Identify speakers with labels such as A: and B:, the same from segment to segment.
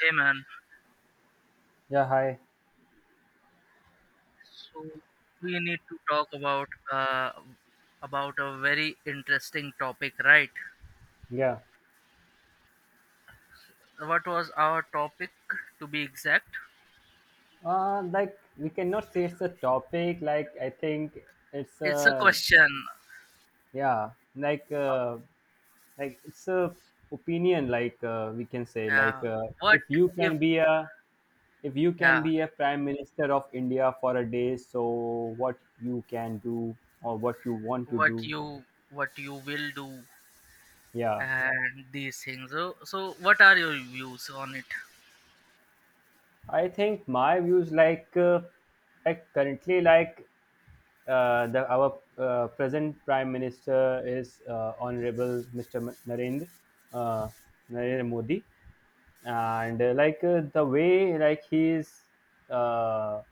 A: Hey man,
B: Yeah, hi.
A: so we need to talk about a very interesting topic, right?
B: Yeah.
A: What was our topic to be exact?
B: Like we cannot say it's a topic. Like I think it's
A: It's a
B: a.
A: question.
B: Yeah. Like it's a opinion. Like we can say like
A: Uh, what
B: if you can
A: if
B: be a if you can
A: yeah,
B: be a prime minister of India for a day, so what you can do or what you want to
A: what
B: do.
A: you what you will do
B: Yeah,
A: and these things. So what are your views on it?
B: I think my views, like, like currently, like, the our present prime minister is, honorable Mr. narendra uh, narendra Modi, and like, the way like he is, uh,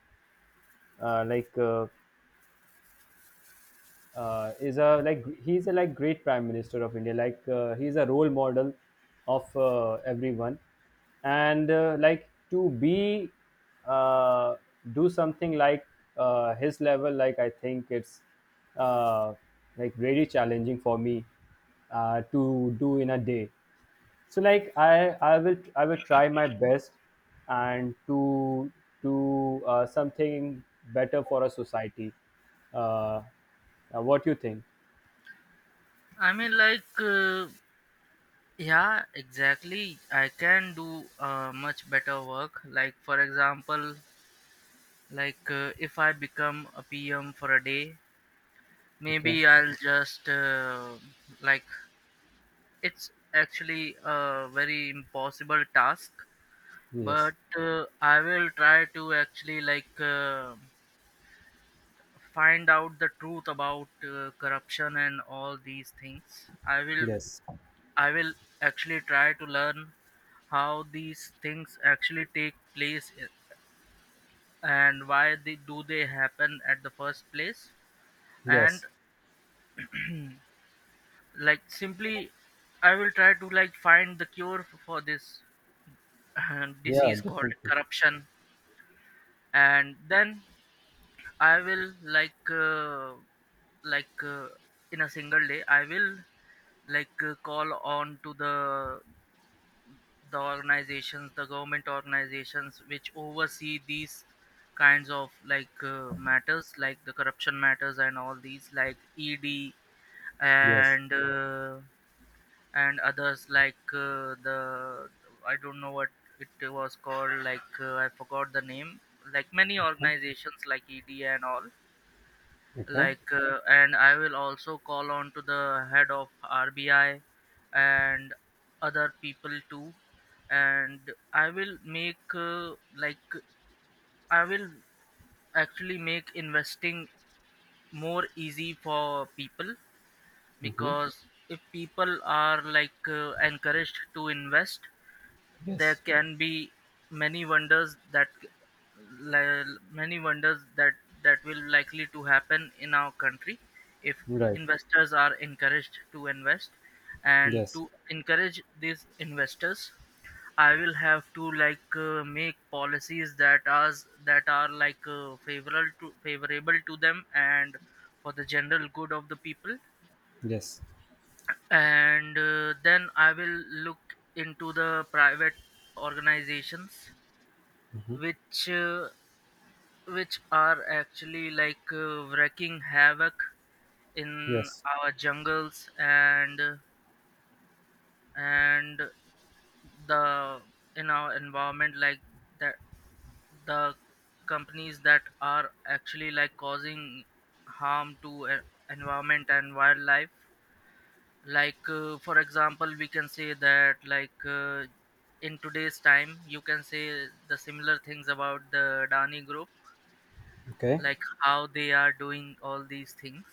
B: like, is a like he's a like great prime minister of India, like, he's a role model of everyone, and like to be, uh, do something like his level, like I think it's uh, like really challenging for me to do in a day. So like I will try my best, and to something better for a society. uh, what you think?
A: I mean like yeah, exactly. I can do much better work. Like for example, like, if I become a PM for a day,
B: Okay.
A: maybe I'll just like it's actually a very impossible task,
B: Yes.
A: but I will try to actually like find out the truth about corruption and all these things. I will
B: Yes.
A: I will actually try to learn how these things actually take place, and why they happen at the first place, and
B: Yes.
A: like simply I will try to like find the cure for this
B: Yeah,
A: disease called
B: definitely.
A: corruption. And then I will like in a single day I will like call on to the organizations, the government organizations which oversee these kinds of like matters, like the corruption matters and all these, like ED
B: Yes.
A: and uh, and others like the I don't know what it was called. Like I forgot the name. Like many
B: Okay.
A: organizations, like ED and all.
B: Okay.
A: Like and I will also call on to the head of RBI and other people too. And I will make like I will actually make investing more easy for people,
B: Mm-hmm.
A: because if people are like encouraged to invest, there
B: Yes.
A: can be many wonders that, many wonders that will likely to happen in our country, if
B: Right.
A: investors are encouraged to invest. And
B: Yes.
A: to encourage these investors I will have to like make policies that are like favorable to them and for the general good of the people.
B: Yes.
A: And then I will look into the private organizations which are actually like wreaking havoc in
B: Yes.
A: our jungles and and the in our environment, like that the companies that are actually like causing harm to environment and wildlife. Like for example, we can say that, like in today's time you can say the similar things about the Dani Group,
B: Okay.
A: like how they are doing all these things.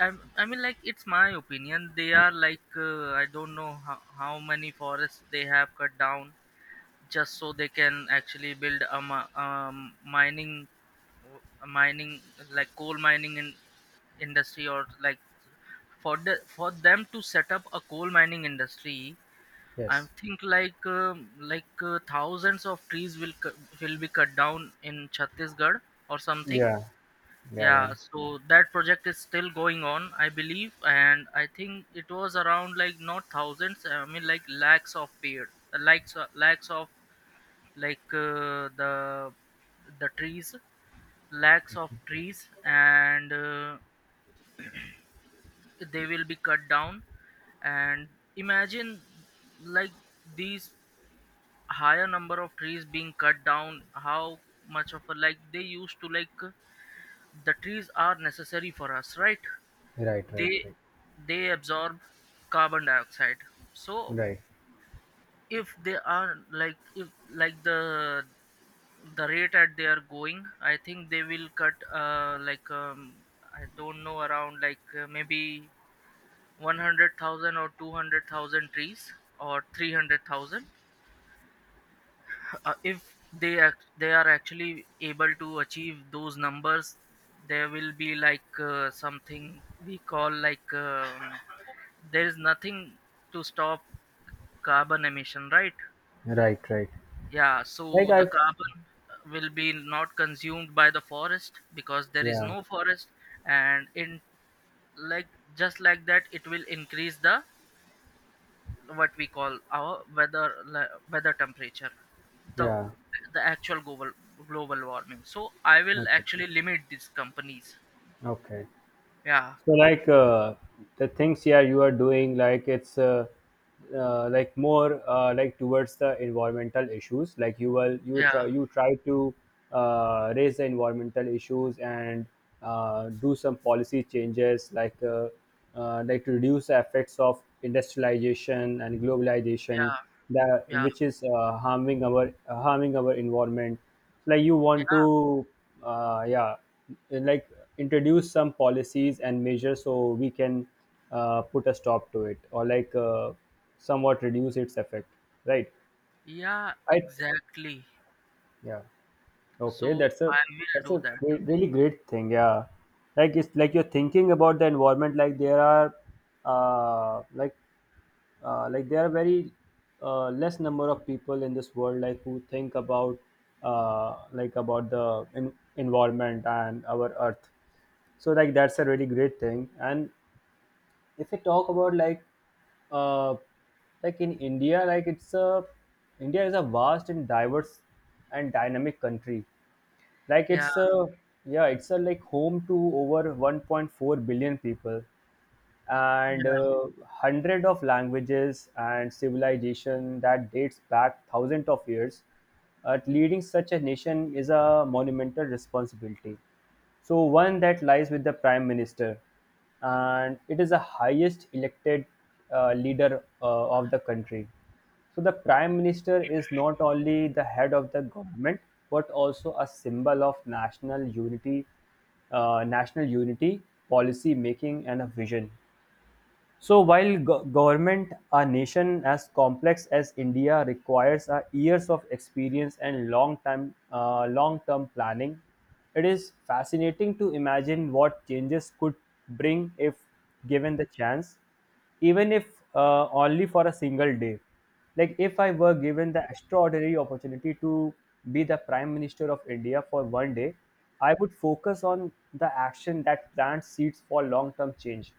A: i, I mean, like, it's my opinion, they are like I don't know how, many forests they have cut down, just so they can actually build a, mining, a mining, like coal mining industry, or like for the for them to set up a coal mining industry. I
B: Yes.
A: think like thousands of trees will will be cut down in Chhattisgarh or something.
B: Yeah. Yeah. Yeah.
A: Yeah, so that project is still going on, I believe, and I think it was around like not thousands, I mean like lakhs of pair, lakhs of, like the trees, lakhs of trees, and they will be cut down. And imagine like these higher number of trees being cut down. How much of a, like they used to, like the trees are necessary for us, right?
B: Right. Right.
A: they
B: Right.
A: they absorb carbon dioxide. So
B: Right.
A: if they are like, if like the rate at they are going, I think they will cut like I don't know, around like maybe 100,000 or 200,000 trees or 300,000, if they are actually able to achieve those numbers, there will be like something we call like, there is nothing to stop carbon emission, right?
B: Right. Right.
A: Yeah,
B: like
A: so the
B: I
A: carbon will be not consumed by the forest, because there is
B: Yeah.
A: no forest. And in, like just like that, it will increase the what we call our weather, weather temperature, the
B: Yeah.
A: the actual global, warming. So I will
B: Okay.
A: actually limit these companies.
B: Okay.
A: Yeah.
B: So like, the things, yeah, you are doing, like it's like more, like towards the environmental issues, like you will
A: Yeah,
B: you try to raise the environmental issues, and do some policy changes, like, like to reduce the effects of industrialization and globalization
A: yeah,
B: that
A: yeah,
B: which is harming our environment. Like you want
A: yeah,
B: to, yeah, like introduce some policies and measures so we can put a stop to it, or like somewhat reduce its effect, right.
A: yeah,
B: I
A: exactly.
B: Yeah.
A: So
B: Okay, that's a
A: I will do that.
B: great, really great thing. Yeah, like it's like you're thinking about the environment. Like there are, uh, like there are very, less number of people in this world like who think about like about the environment and our earth, so like that's a really great thing. And if we talk about, like, uh like in India, like it's a. India is a vast and diverse and dynamic country. Like
A: Yeah.
B: it's a, yeah, it's a, like, home to over 1.4 billion people and
A: Yeah,
B: hundred of languages and civilization that dates back thousands of years. Leading such a nation is a monumental responsibility, so one that lies with the prime minister, and it is the highest elected leader of the country. So the prime minister is not only the head of the government, but also a symbol of national unity, uh, national unity, policy making, and a vision. So while government, a nation as complex as India requires a years of experience and long term planning, it is fascinating to imagine what changes could bring if given the chance, even if only for a single day. Like if I were given the extraordinary opportunity to be the prime minister of India for one day, I would focus on the action that plants seeds for long term change,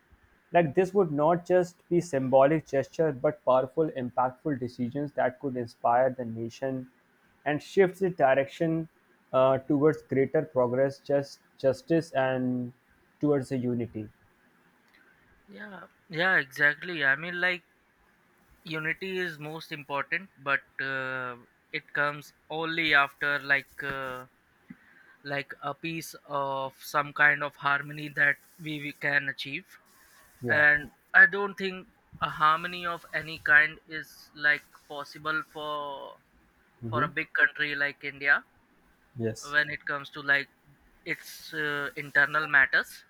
B: like this would not just be symbolic gesture but powerful impactful decisions that could inspire the nation and shift the direction, towards greater progress, justice, and towards the unity.
A: yeah, yeah, exactly. I mean, like, unity is most important, but it comes only after like a piece of some kind of harmony that we can achieve.
B: Yeah.
A: And I don't think a harmony of any kind is like possible for
B: Mm-hmm.
A: a big country like India,
B: Yes.
A: when it comes to like its internal matters.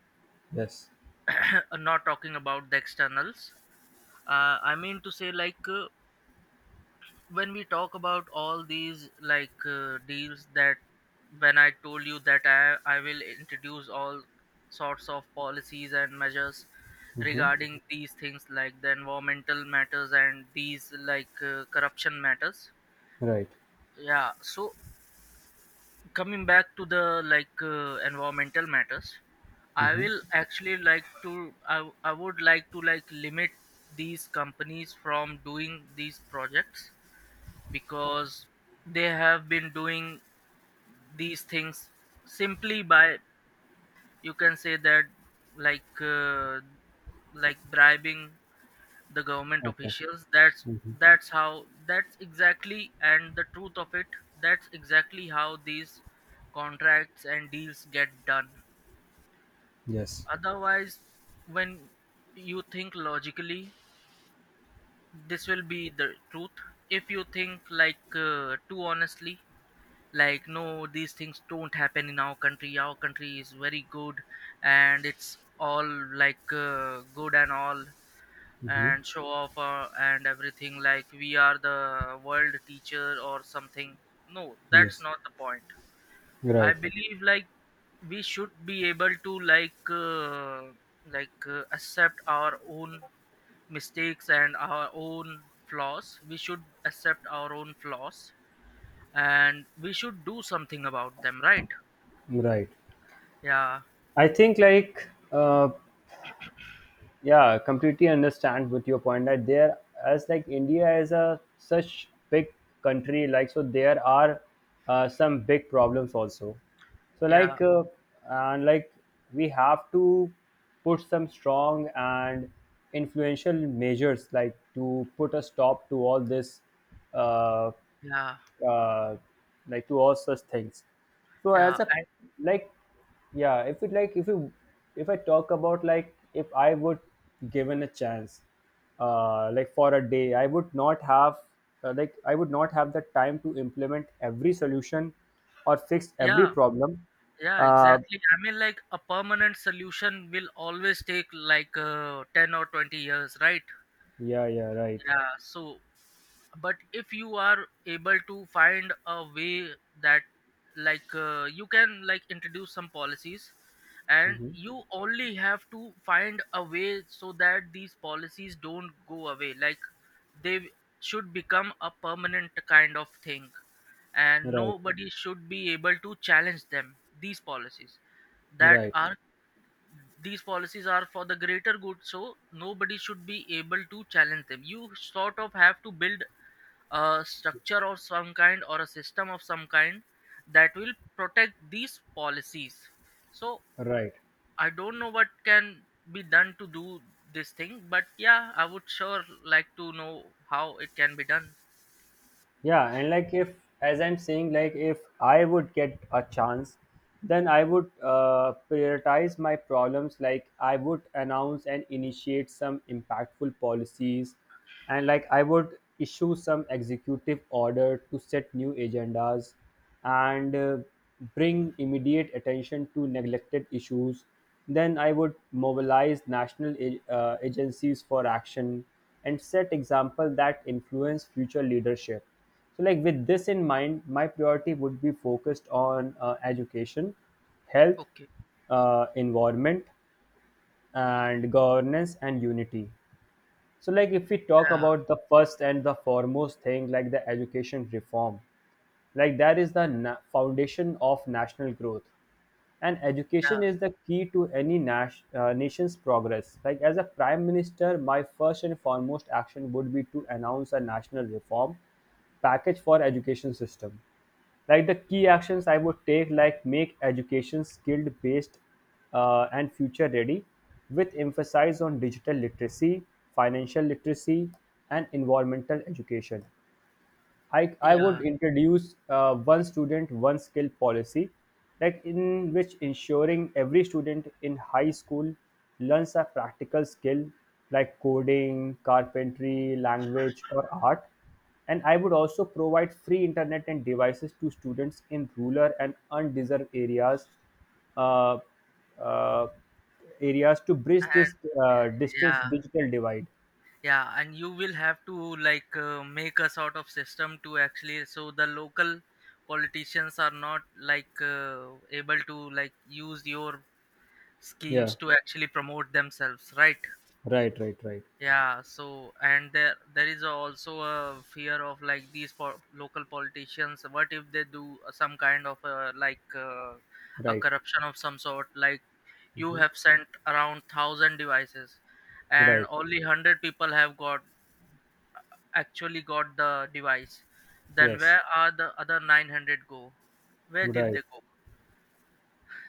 B: Yes.
A: I'm not talking about the externals. I mean to say like. When we talk about all these, like deals that, when I told you that I will introduce all sorts of policies and measures
B: Mm-hmm.
A: regarding these things, like the environmental matters and these, like corruption matters.
B: Right.
A: Yeah, so coming back to the, like environmental matters, I
B: Mm-hmm.
A: will actually like to, I would like to like limit these companies from doing these projects, because they have been doing these things simply by, you can say that, like uh, like bribing the government
B: Okay.
A: officials. That's
B: Mm-hmm.
A: how, that's exactly and the truth of it, that's exactly how these contracts and deals get done.
B: Yes.
A: Otherwise, when you think logically, this will be the truth. If you think like too honestly, like, no, these things don't happen in our country, our country is very good, and it's all like good and all,
B: Mm-hmm.
A: and show off and everything, like we are the world teacher or something. No, that's
B: Yes.
A: not the point. I
B: Right.
A: believe like we should be able to like accept our own mistakes and our own flaws. We should accept our own flaws and we should do something about them, right?
B: Right.
A: Yeah.
B: I think, like, yeah, completely understand with your point that there, as like India is a such big country, like so there are some big problems also. So
A: Yeah,
B: like, and like we have to put some strong and influential measures, like to put a stop to all this, uh,
A: yeah,
B: uh, like to all such things. So
A: yeah.
B: as a,
A: And
B: like, yeah, if it, like, if you if I talk about like if I would given a chance, like for a day, I would not have like I would not have the time to implement every solution or fix every
A: yeah.
B: problem.
A: Yeah,
B: uh
A: exactly. I mean like a permanent solution will always take like 10 or 20 years, right?
B: yeah, yeah, right.
A: Yeah, so, but if you are able to find a way that, like you can like introduce some policies, and
B: Hmm,
A: you only have to find a way so that these policies don't go away, like they should become a permanent kind of thing, and
B: right,
A: nobody should be able to challenge them, these policies that
B: right,
A: are, these policies are for the greater good, so nobody should be able to challenge them. You sort of have to build a structure of some kind, or a system of some kind that will protect these policies. So
B: right.
A: I don't know what can be done to do this thing, but yeah, I would sure like to know how it can be done.
B: Yeah, and like if, as I'm saying, like if I would get a chance, then I would prioritize my problems. Like I would announce and initiate some impactful policies, and like I would issue some executive order to set new agendas and bring immediate attention to neglected issues. Then I would mobilize national agencies for action and set example that influence future leadership. So, like with this in mind, my priority would be focused on education, health,
A: Okay.
B: environment, and governance and unity. So, like if we talk
A: Yeah,
B: about the first and the foremost thing, like the education reform, like that is the foundation of national growth, and
A: yeah,
B: education is the key to any nation's progress. Like as a prime minister, my first and foremost action would be to announce a national reform package for education system. Like the key actions I would take, like make education skilled based, and future ready, with emphasis on digital literacy, financial literacy, and environmental education. I would
A: yeah.
B: introduce one student, one skill policy, like in which ensuring every student in high school learns a practical skill like coding, carpentry, language, or art. And I would also provide free internet and devices to students in rural and undeserved areas, uh, uh, to bridge
A: And
B: this distance
A: yeah.
B: digital divide.
A: Yeah, and you will have to like make a sort of system to actually, so the local politicians are not like able to like use your schemes
B: Yeah,
A: to actually promote themselves, right?
B: right, right, right,
A: Yeah, so. And there is also a fear of like these, local politicians, what if they do some kind of like a
B: right,
A: corruption of some sort, like you
B: Mhm.
A: have sent around 1000 devices, and
B: Right.
A: only 100 people have got actually got the device, then
B: Yes,
A: where are the other 900 go? Where did
B: right.
A: they go?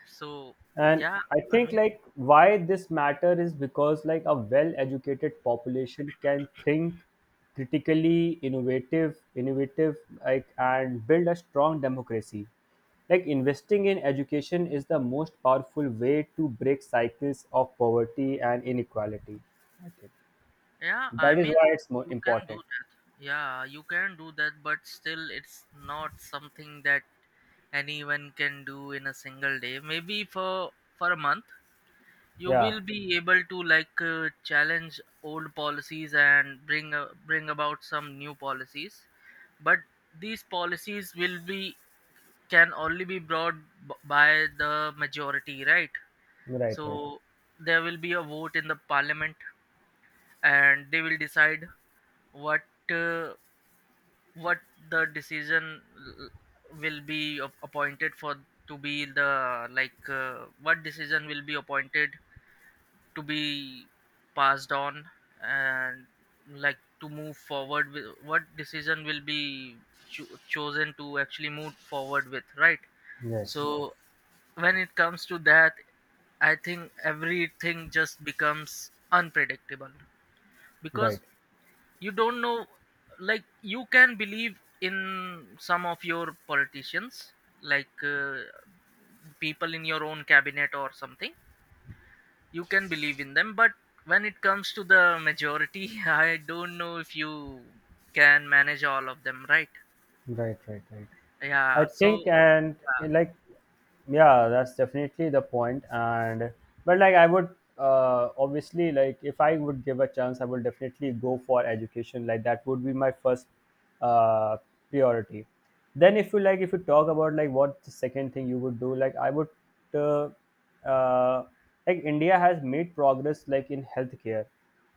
A: So,
B: And
A: yeah,
B: I
A: I
B: think,
A: mean,
B: like, why this matter is because like a well-educated population can think critically, like, and build a strong democracy. Like investing in education is the most powerful way to break cycles of poverty and inequality. I think
A: yeah, I
B: that is
A: mean,
B: why it's more
A: you can do
B: important.
A: that. Yeah, you can do that, but still, it's not something that anyone can do in a single day. Maybe for a month, you
B: Yeah,
A: will be able to like challenge old policies and bring about some new policies. But these policies will be, can only be brought by the majority, right?
B: right, right.
A: So there will be a vote in the parliament, and they will decide what, uh, what the decision will be, appointed for, to be the, like what decision will be appointed to be passed on, and like to move forward with, what decision will be chosen to actually move forward with, right?
B: Yes,
A: So when it comes to that, I think everything just becomes unpredictable, because
B: right.
A: you don't know, like you can believe in some of your politicians, like people in your own cabinet or something, you can believe in them, but when it comes to the majority I don't know if you can manage all of them, right?
B: Right, right, right. I
A: Yeah, so.
B: think, and, like, yeah, that's definitely the point. And but like, I would obviously like if I would give a chance, I would definitely go for education. Like that would be my first uh, priority. Then, if you like, if you talk about like what the second thing you would do, like I would, uh, uh, like India has made progress like in healthcare,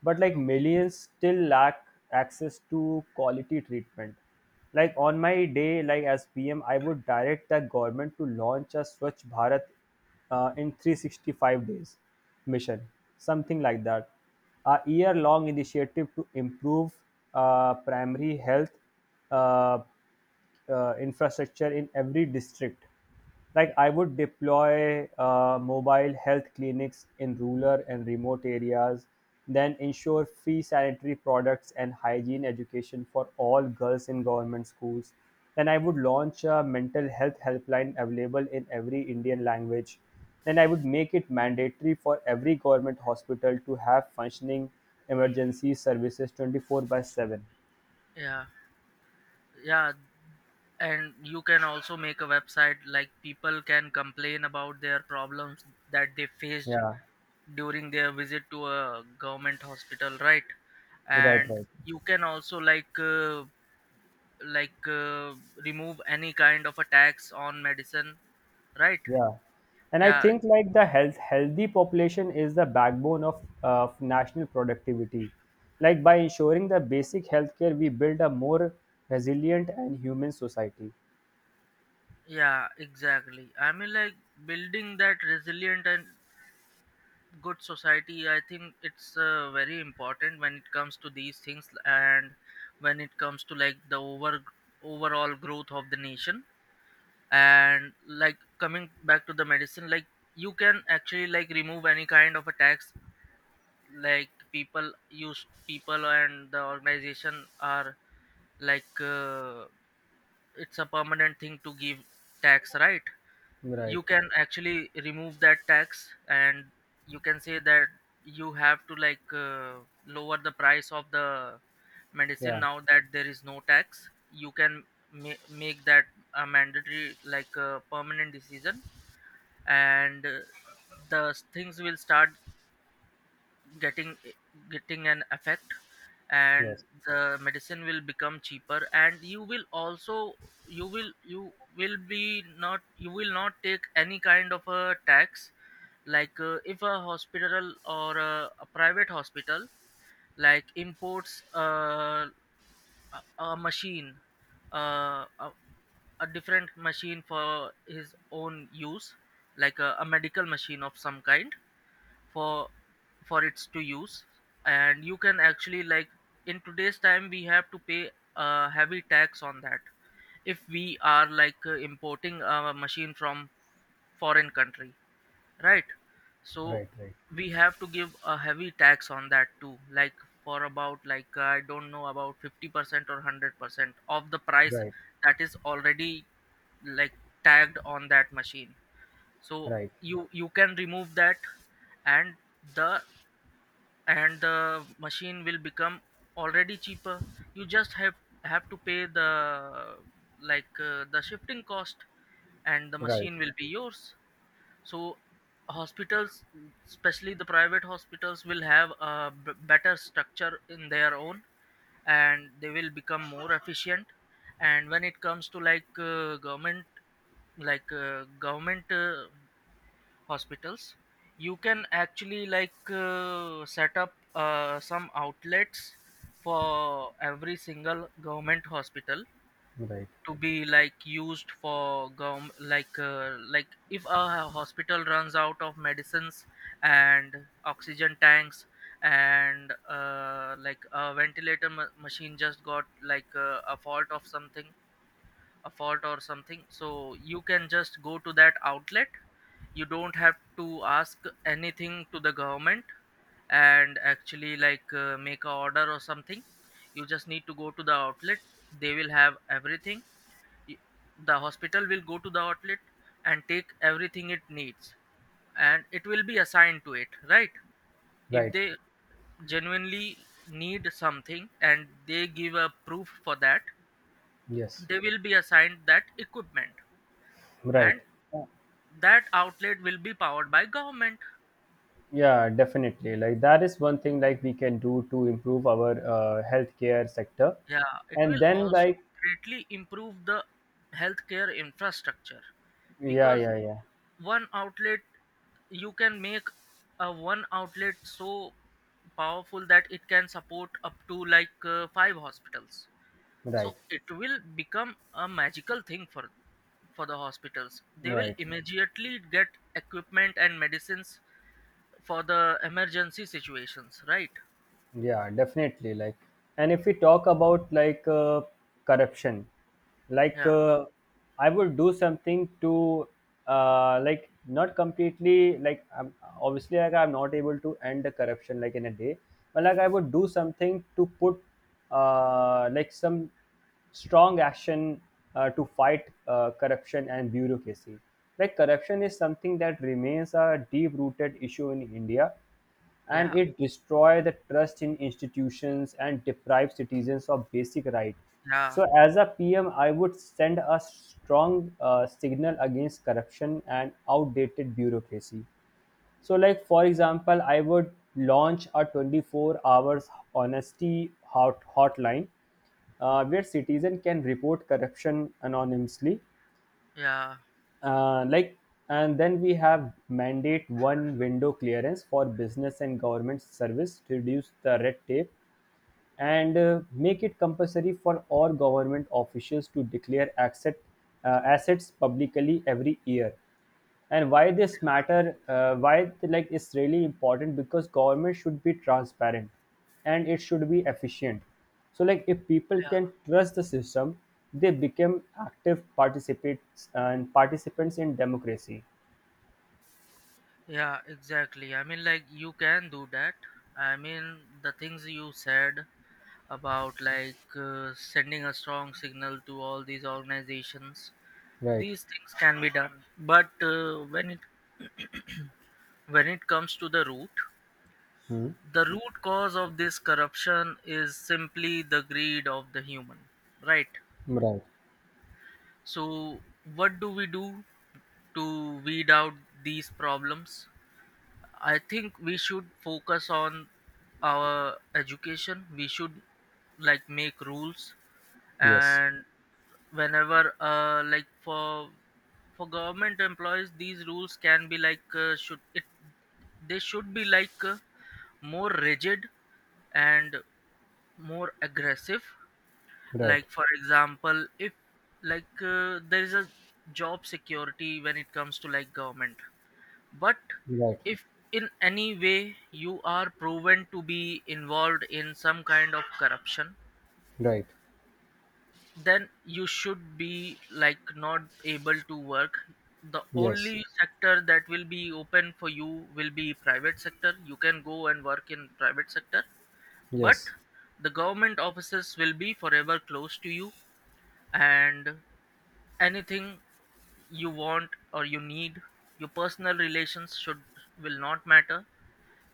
B: but like
A: Okay.
B: millions still lack access to quality treatment. Like on my day, like as PM, I would direct the government to launch a Swachh Bharat, in 365 days mission, something like that, a year long initiative to improve primary health uh, infrastructure in every district. Like I would deploy mobile health clinics in rural and remote areas, then ensure free sanitary products and hygiene education for all girls in government schools. Then I would launch a mental health helpline available in every Indian language. Then I would make it mandatory for every government hospital to have functioning emergency services 24 by 7.
A: Yeah, yeah. And you can also make a website, like people can complain about their problems that they faced
B: Yeah,
A: during their visit to a government hospital, right?
B: right,
A: And
B: right.
A: you can also like remove any kind of a tax on medicine, right?
B: Yeah, and I
A: Yeah,
B: think, like, the healthy population is the backbone of national productivity. Like by ensuring the basic healthcare, we build a more resilient and human society.
A: yeah, exactly. I mean like building that resilient and good society, I think it's very important when it comes to these things, and when it comes to like the overall growth of the nation. And like coming back to the medicine, like you can actually like remove any kind of a tax, like people use, people and the organization are like, it's a permanent thing to give tax, right?
B: Right.
A: You can actually remove that tax, and you can say that you have to like lower the price of the medicine,
B: Yeah.
A: now that there is no tax, you can Make that a mandatory, like a permanent decision. and uh, Things will start getting getting an effect, and
B: Yes.
A: the medicine will become cheaper, and you will also you will be not, you will not take any kind of a tax. If a hospital or a private hospital like imports a machine, uh, a, a different machine for his own use, like a medical machine of some kind for for its to use. And you can actually, like, in today's time we have to pay a heavy tax on that if we are like importing a machine from foreign country, right? So
B: Right. Right.
A: we have to give a heavy tax on that too, like for about like I don't know, about 50% or 100% of the price
B: Right.
A: that is already, like, tagged on that machine. So
B: Right.
A: you can remove that, and the the machine will become already cheaper. You just have to pay the, like, the shifting cost, and the
B: Right.
A: machine will be yours. So hospitals, especially the private hospitals, will have a better structure in their own, and they will become more efficient. And when it comes to like government, like government hospitals, you can actually like set up some outlets for every single government hospital
B: Right.
A: to be, like, used for gov, like like, if a hospital runs out of medicines and oxygen tanks, and like a ventilator machine just got, like a fault of something, a fault or something, so you can just go to that outlet. You don't have to ask anything to the government and actually like make a order or something. You just need to go to the outlet, they will have everything. Y- the hospital will go to the outlet and take everything it needs, and it will be assigned to it, right? If
B: Right.
A: they genuinely need something and they give a proof for that,
B: Yes.
A: they will be assigned that equipment,
B: Right.
A: and that outlet will be powered by government.
B: Yeah, definitely. Like that is one thing like we can do to improve our healthcare sector.
A: Yeah, it
B: And
A: will
B: then,
A: also
B: like,
A: greatly improve the healthcare infrastructure,
B: yeah,
A: because
B: yeah, yeah.
A: one outlet, you can make a one outlet so powerful that it can support up to like 5 hospitals. So
B: Right.
A: it will become a magical thing for the hospitals. They will
B: Right.
A: immediately get equipment and medicines for the emergency situations, right?
B: Yeah, definitely, like, and if we talk about, like, corruption, like,
A: Yeah,
B: I would do something to, like, not completely like, obviously like I'm not able to end the corruption like in a day, but like I would do something to put like some strong action, to fight corruption and bureaucracy. Like corruption is something that remains a deep rooted issue in India, and
A: yeah,
B: it destroys the trust in institutions and deprives citizens of basic rights.
A: yeah,
B: So as a PM, I would send a strong signal against corruption and outdated bureaucracy. So like for example, I would launch a 24 hours honesty hotline where citizens can report corruption anonymously,
A: yeah,
B: like, and then we have mandate one window clearance for business and government service to reduce the red tape, and make it compulsory for all government officials to declare assets publicly every year. And why this matter, why, like, it's really important, because government should be transparent and it should be efficient. So like if people can
A: yeah.
B: trust the system, they become active participants in democracy.
A: Yeah, exactly. I mean, like, you can do that. I mean, the things you said about like sending a strong signal to all these organizations,
B: Right.
A: these things can be done. But when it, when it comes to
B: Hmm.
A: the root cause of this corruption is simply the greed of the human, right?
B: Right.
A: So, what do we do to weed out these problems? I think we should focus on our education. We should, like, make rules.
B: Yes.
A: And whenever, uh, like, for government employees, these rules can be like should it, they should be like more rigid and more aggressive.
B: Right.
A: Like, for example, if like there is a job security when it comes to like government, but
B: Right.
A: if in any way you are proven to be involved in some kind of corruption,
B: Right.
A: then you should be, like, not able to work. The
B: Yes.
A: only sector that will be open for you will be private sector. You can go and work in private sector, but
B: Yes.
A: the government offices will be forever closed to you, and anything you want or you need, your personal relations should, will not matter.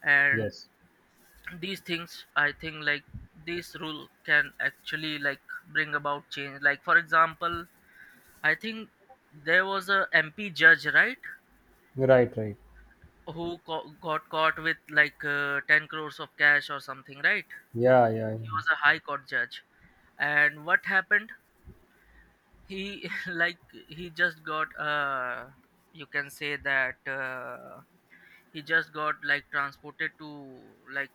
A: And
B: Yes.
A: these things, I think, like, this rule can actually, like, bring about change. Like, for example, I think there was a MP judge, right?
B: Right, right.
A: Who got caught with like 10 crores of cash or something, right?
B: Yeah, yeah,
A: He
B: yeah.
A: was a high court judge, and what happened, he like, he just got uh, you can say that he just got, like, transported to, like,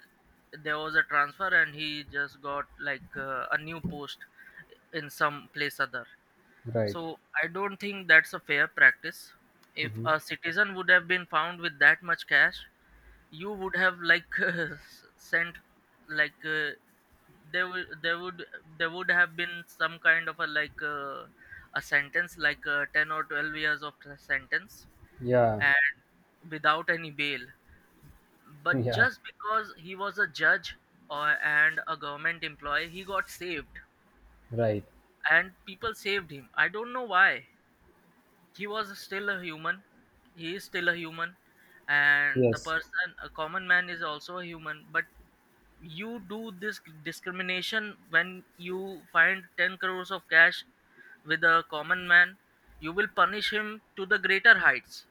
A: there was a transfer, and he just got like a new post in some place other.
B: Right.
A: So I don't think that's a fair practice. If
B: Hmm.
A: a citizen would have been found with that much cash, you would have like sent, like there would there would have been some kind of a like a sentence, like 10 or 12 years of the sentence,
B: Yeah,
A: and without any bail. But
B: yeah.
A: just because he was a judge or and a government employee, he got saved,
B: Right.
A: and people saved him. I don't know why. He was still a human, he is still a human, and the
B: Yes.
A: person, a common man, is also a human. But you do this discrimination. When you find 10 crores of cash with a common man, you will punish him to the greater heights.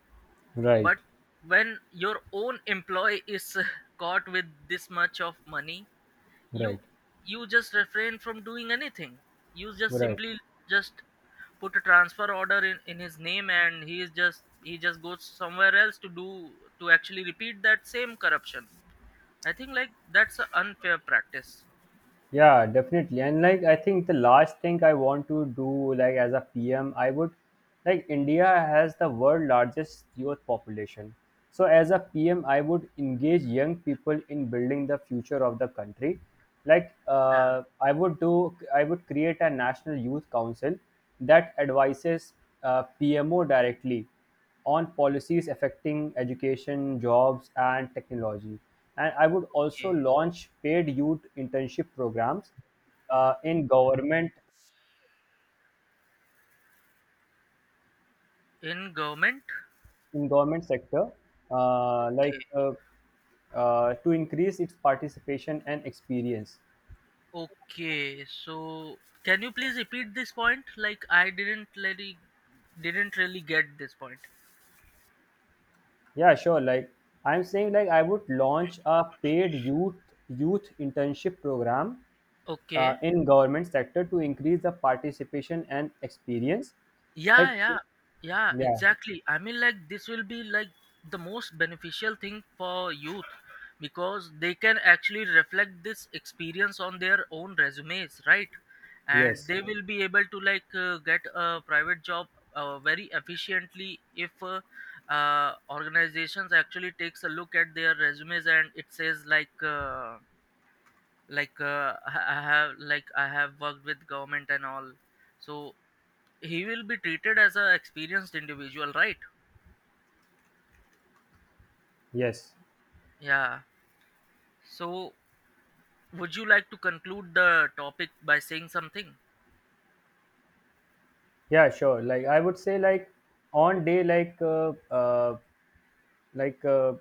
B: Right.
A: But when your own employee is caught with this much of money, you
B: Right.
A: you just refrain from doing anything. You just
B: Right.
A: simply, just put a transfer order in his name, and he is just, he just goes somewhere else to do, to actually repeat that same corruption. I think, like, that's an unfair practice.
B: Yeah, definitely. And like I think the last thing I want to do like as a PM, I would, like India has the world largest youth population. So as a PM, I would engage young people in building the future of the country. Like
A: Yeah.
B: I would create a national youth council that advises PMO directly on policies affecting education, jobs, and technology. And I would also
A: Okay.
B: launch paid youth internship programs uh, in government
A: In government.
B: in government sector, like
A: Okay.
B: to increase its participation and experience.
A: Okay, so can you please repeat this point, like, I didn't really, didn't really get this point?
B: Yeah, sure. Like I'm saying, like I would launch a paid youth internship program
A: Okay.
B: in government sector to increase the participation and experience.
A: Yeah,
B: Like,
A: yeah, yeah,
B: yeah.
A: exactly. I mean, like, this will be like the most beneficial thing for youth, because they can actually reflect this experience on their own resumes, right? And
B: Yes,
A: they, Mm, will be able to like get a private job very efficiently, if organizations actually takes a look at their resumes, and it says like I have, like, I have worked with government and all. So he will be treated as an experienced individual, right?
B: yes,
A: Yeah. So would you like to conclude the topic by saying something?
B: yeah, sure. Like I would say, like on day, like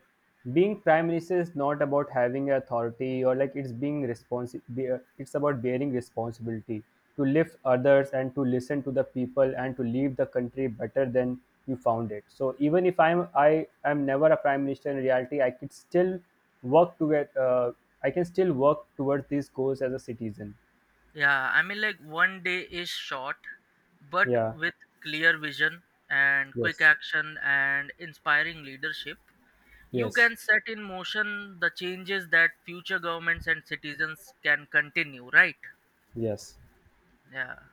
B: being prime minister is not about having authority or like it's being responsible. It's about bearing responsibility to lift others and to listen to the people and to leave the country better than you found it. So even if I am never a prime minister in reality, I could still work to get. I can still work towards these goals as a citizen.
A: Yeah, I mean, like, one day is short, but
B: Yeah.
A: with clear vision and quick
B: Yes.
A: action and inspiring leadership, you
B: Yes.
A: can set in motion the changes that future governments and citizens can continue, right?
B: Yes.
A: Yeah.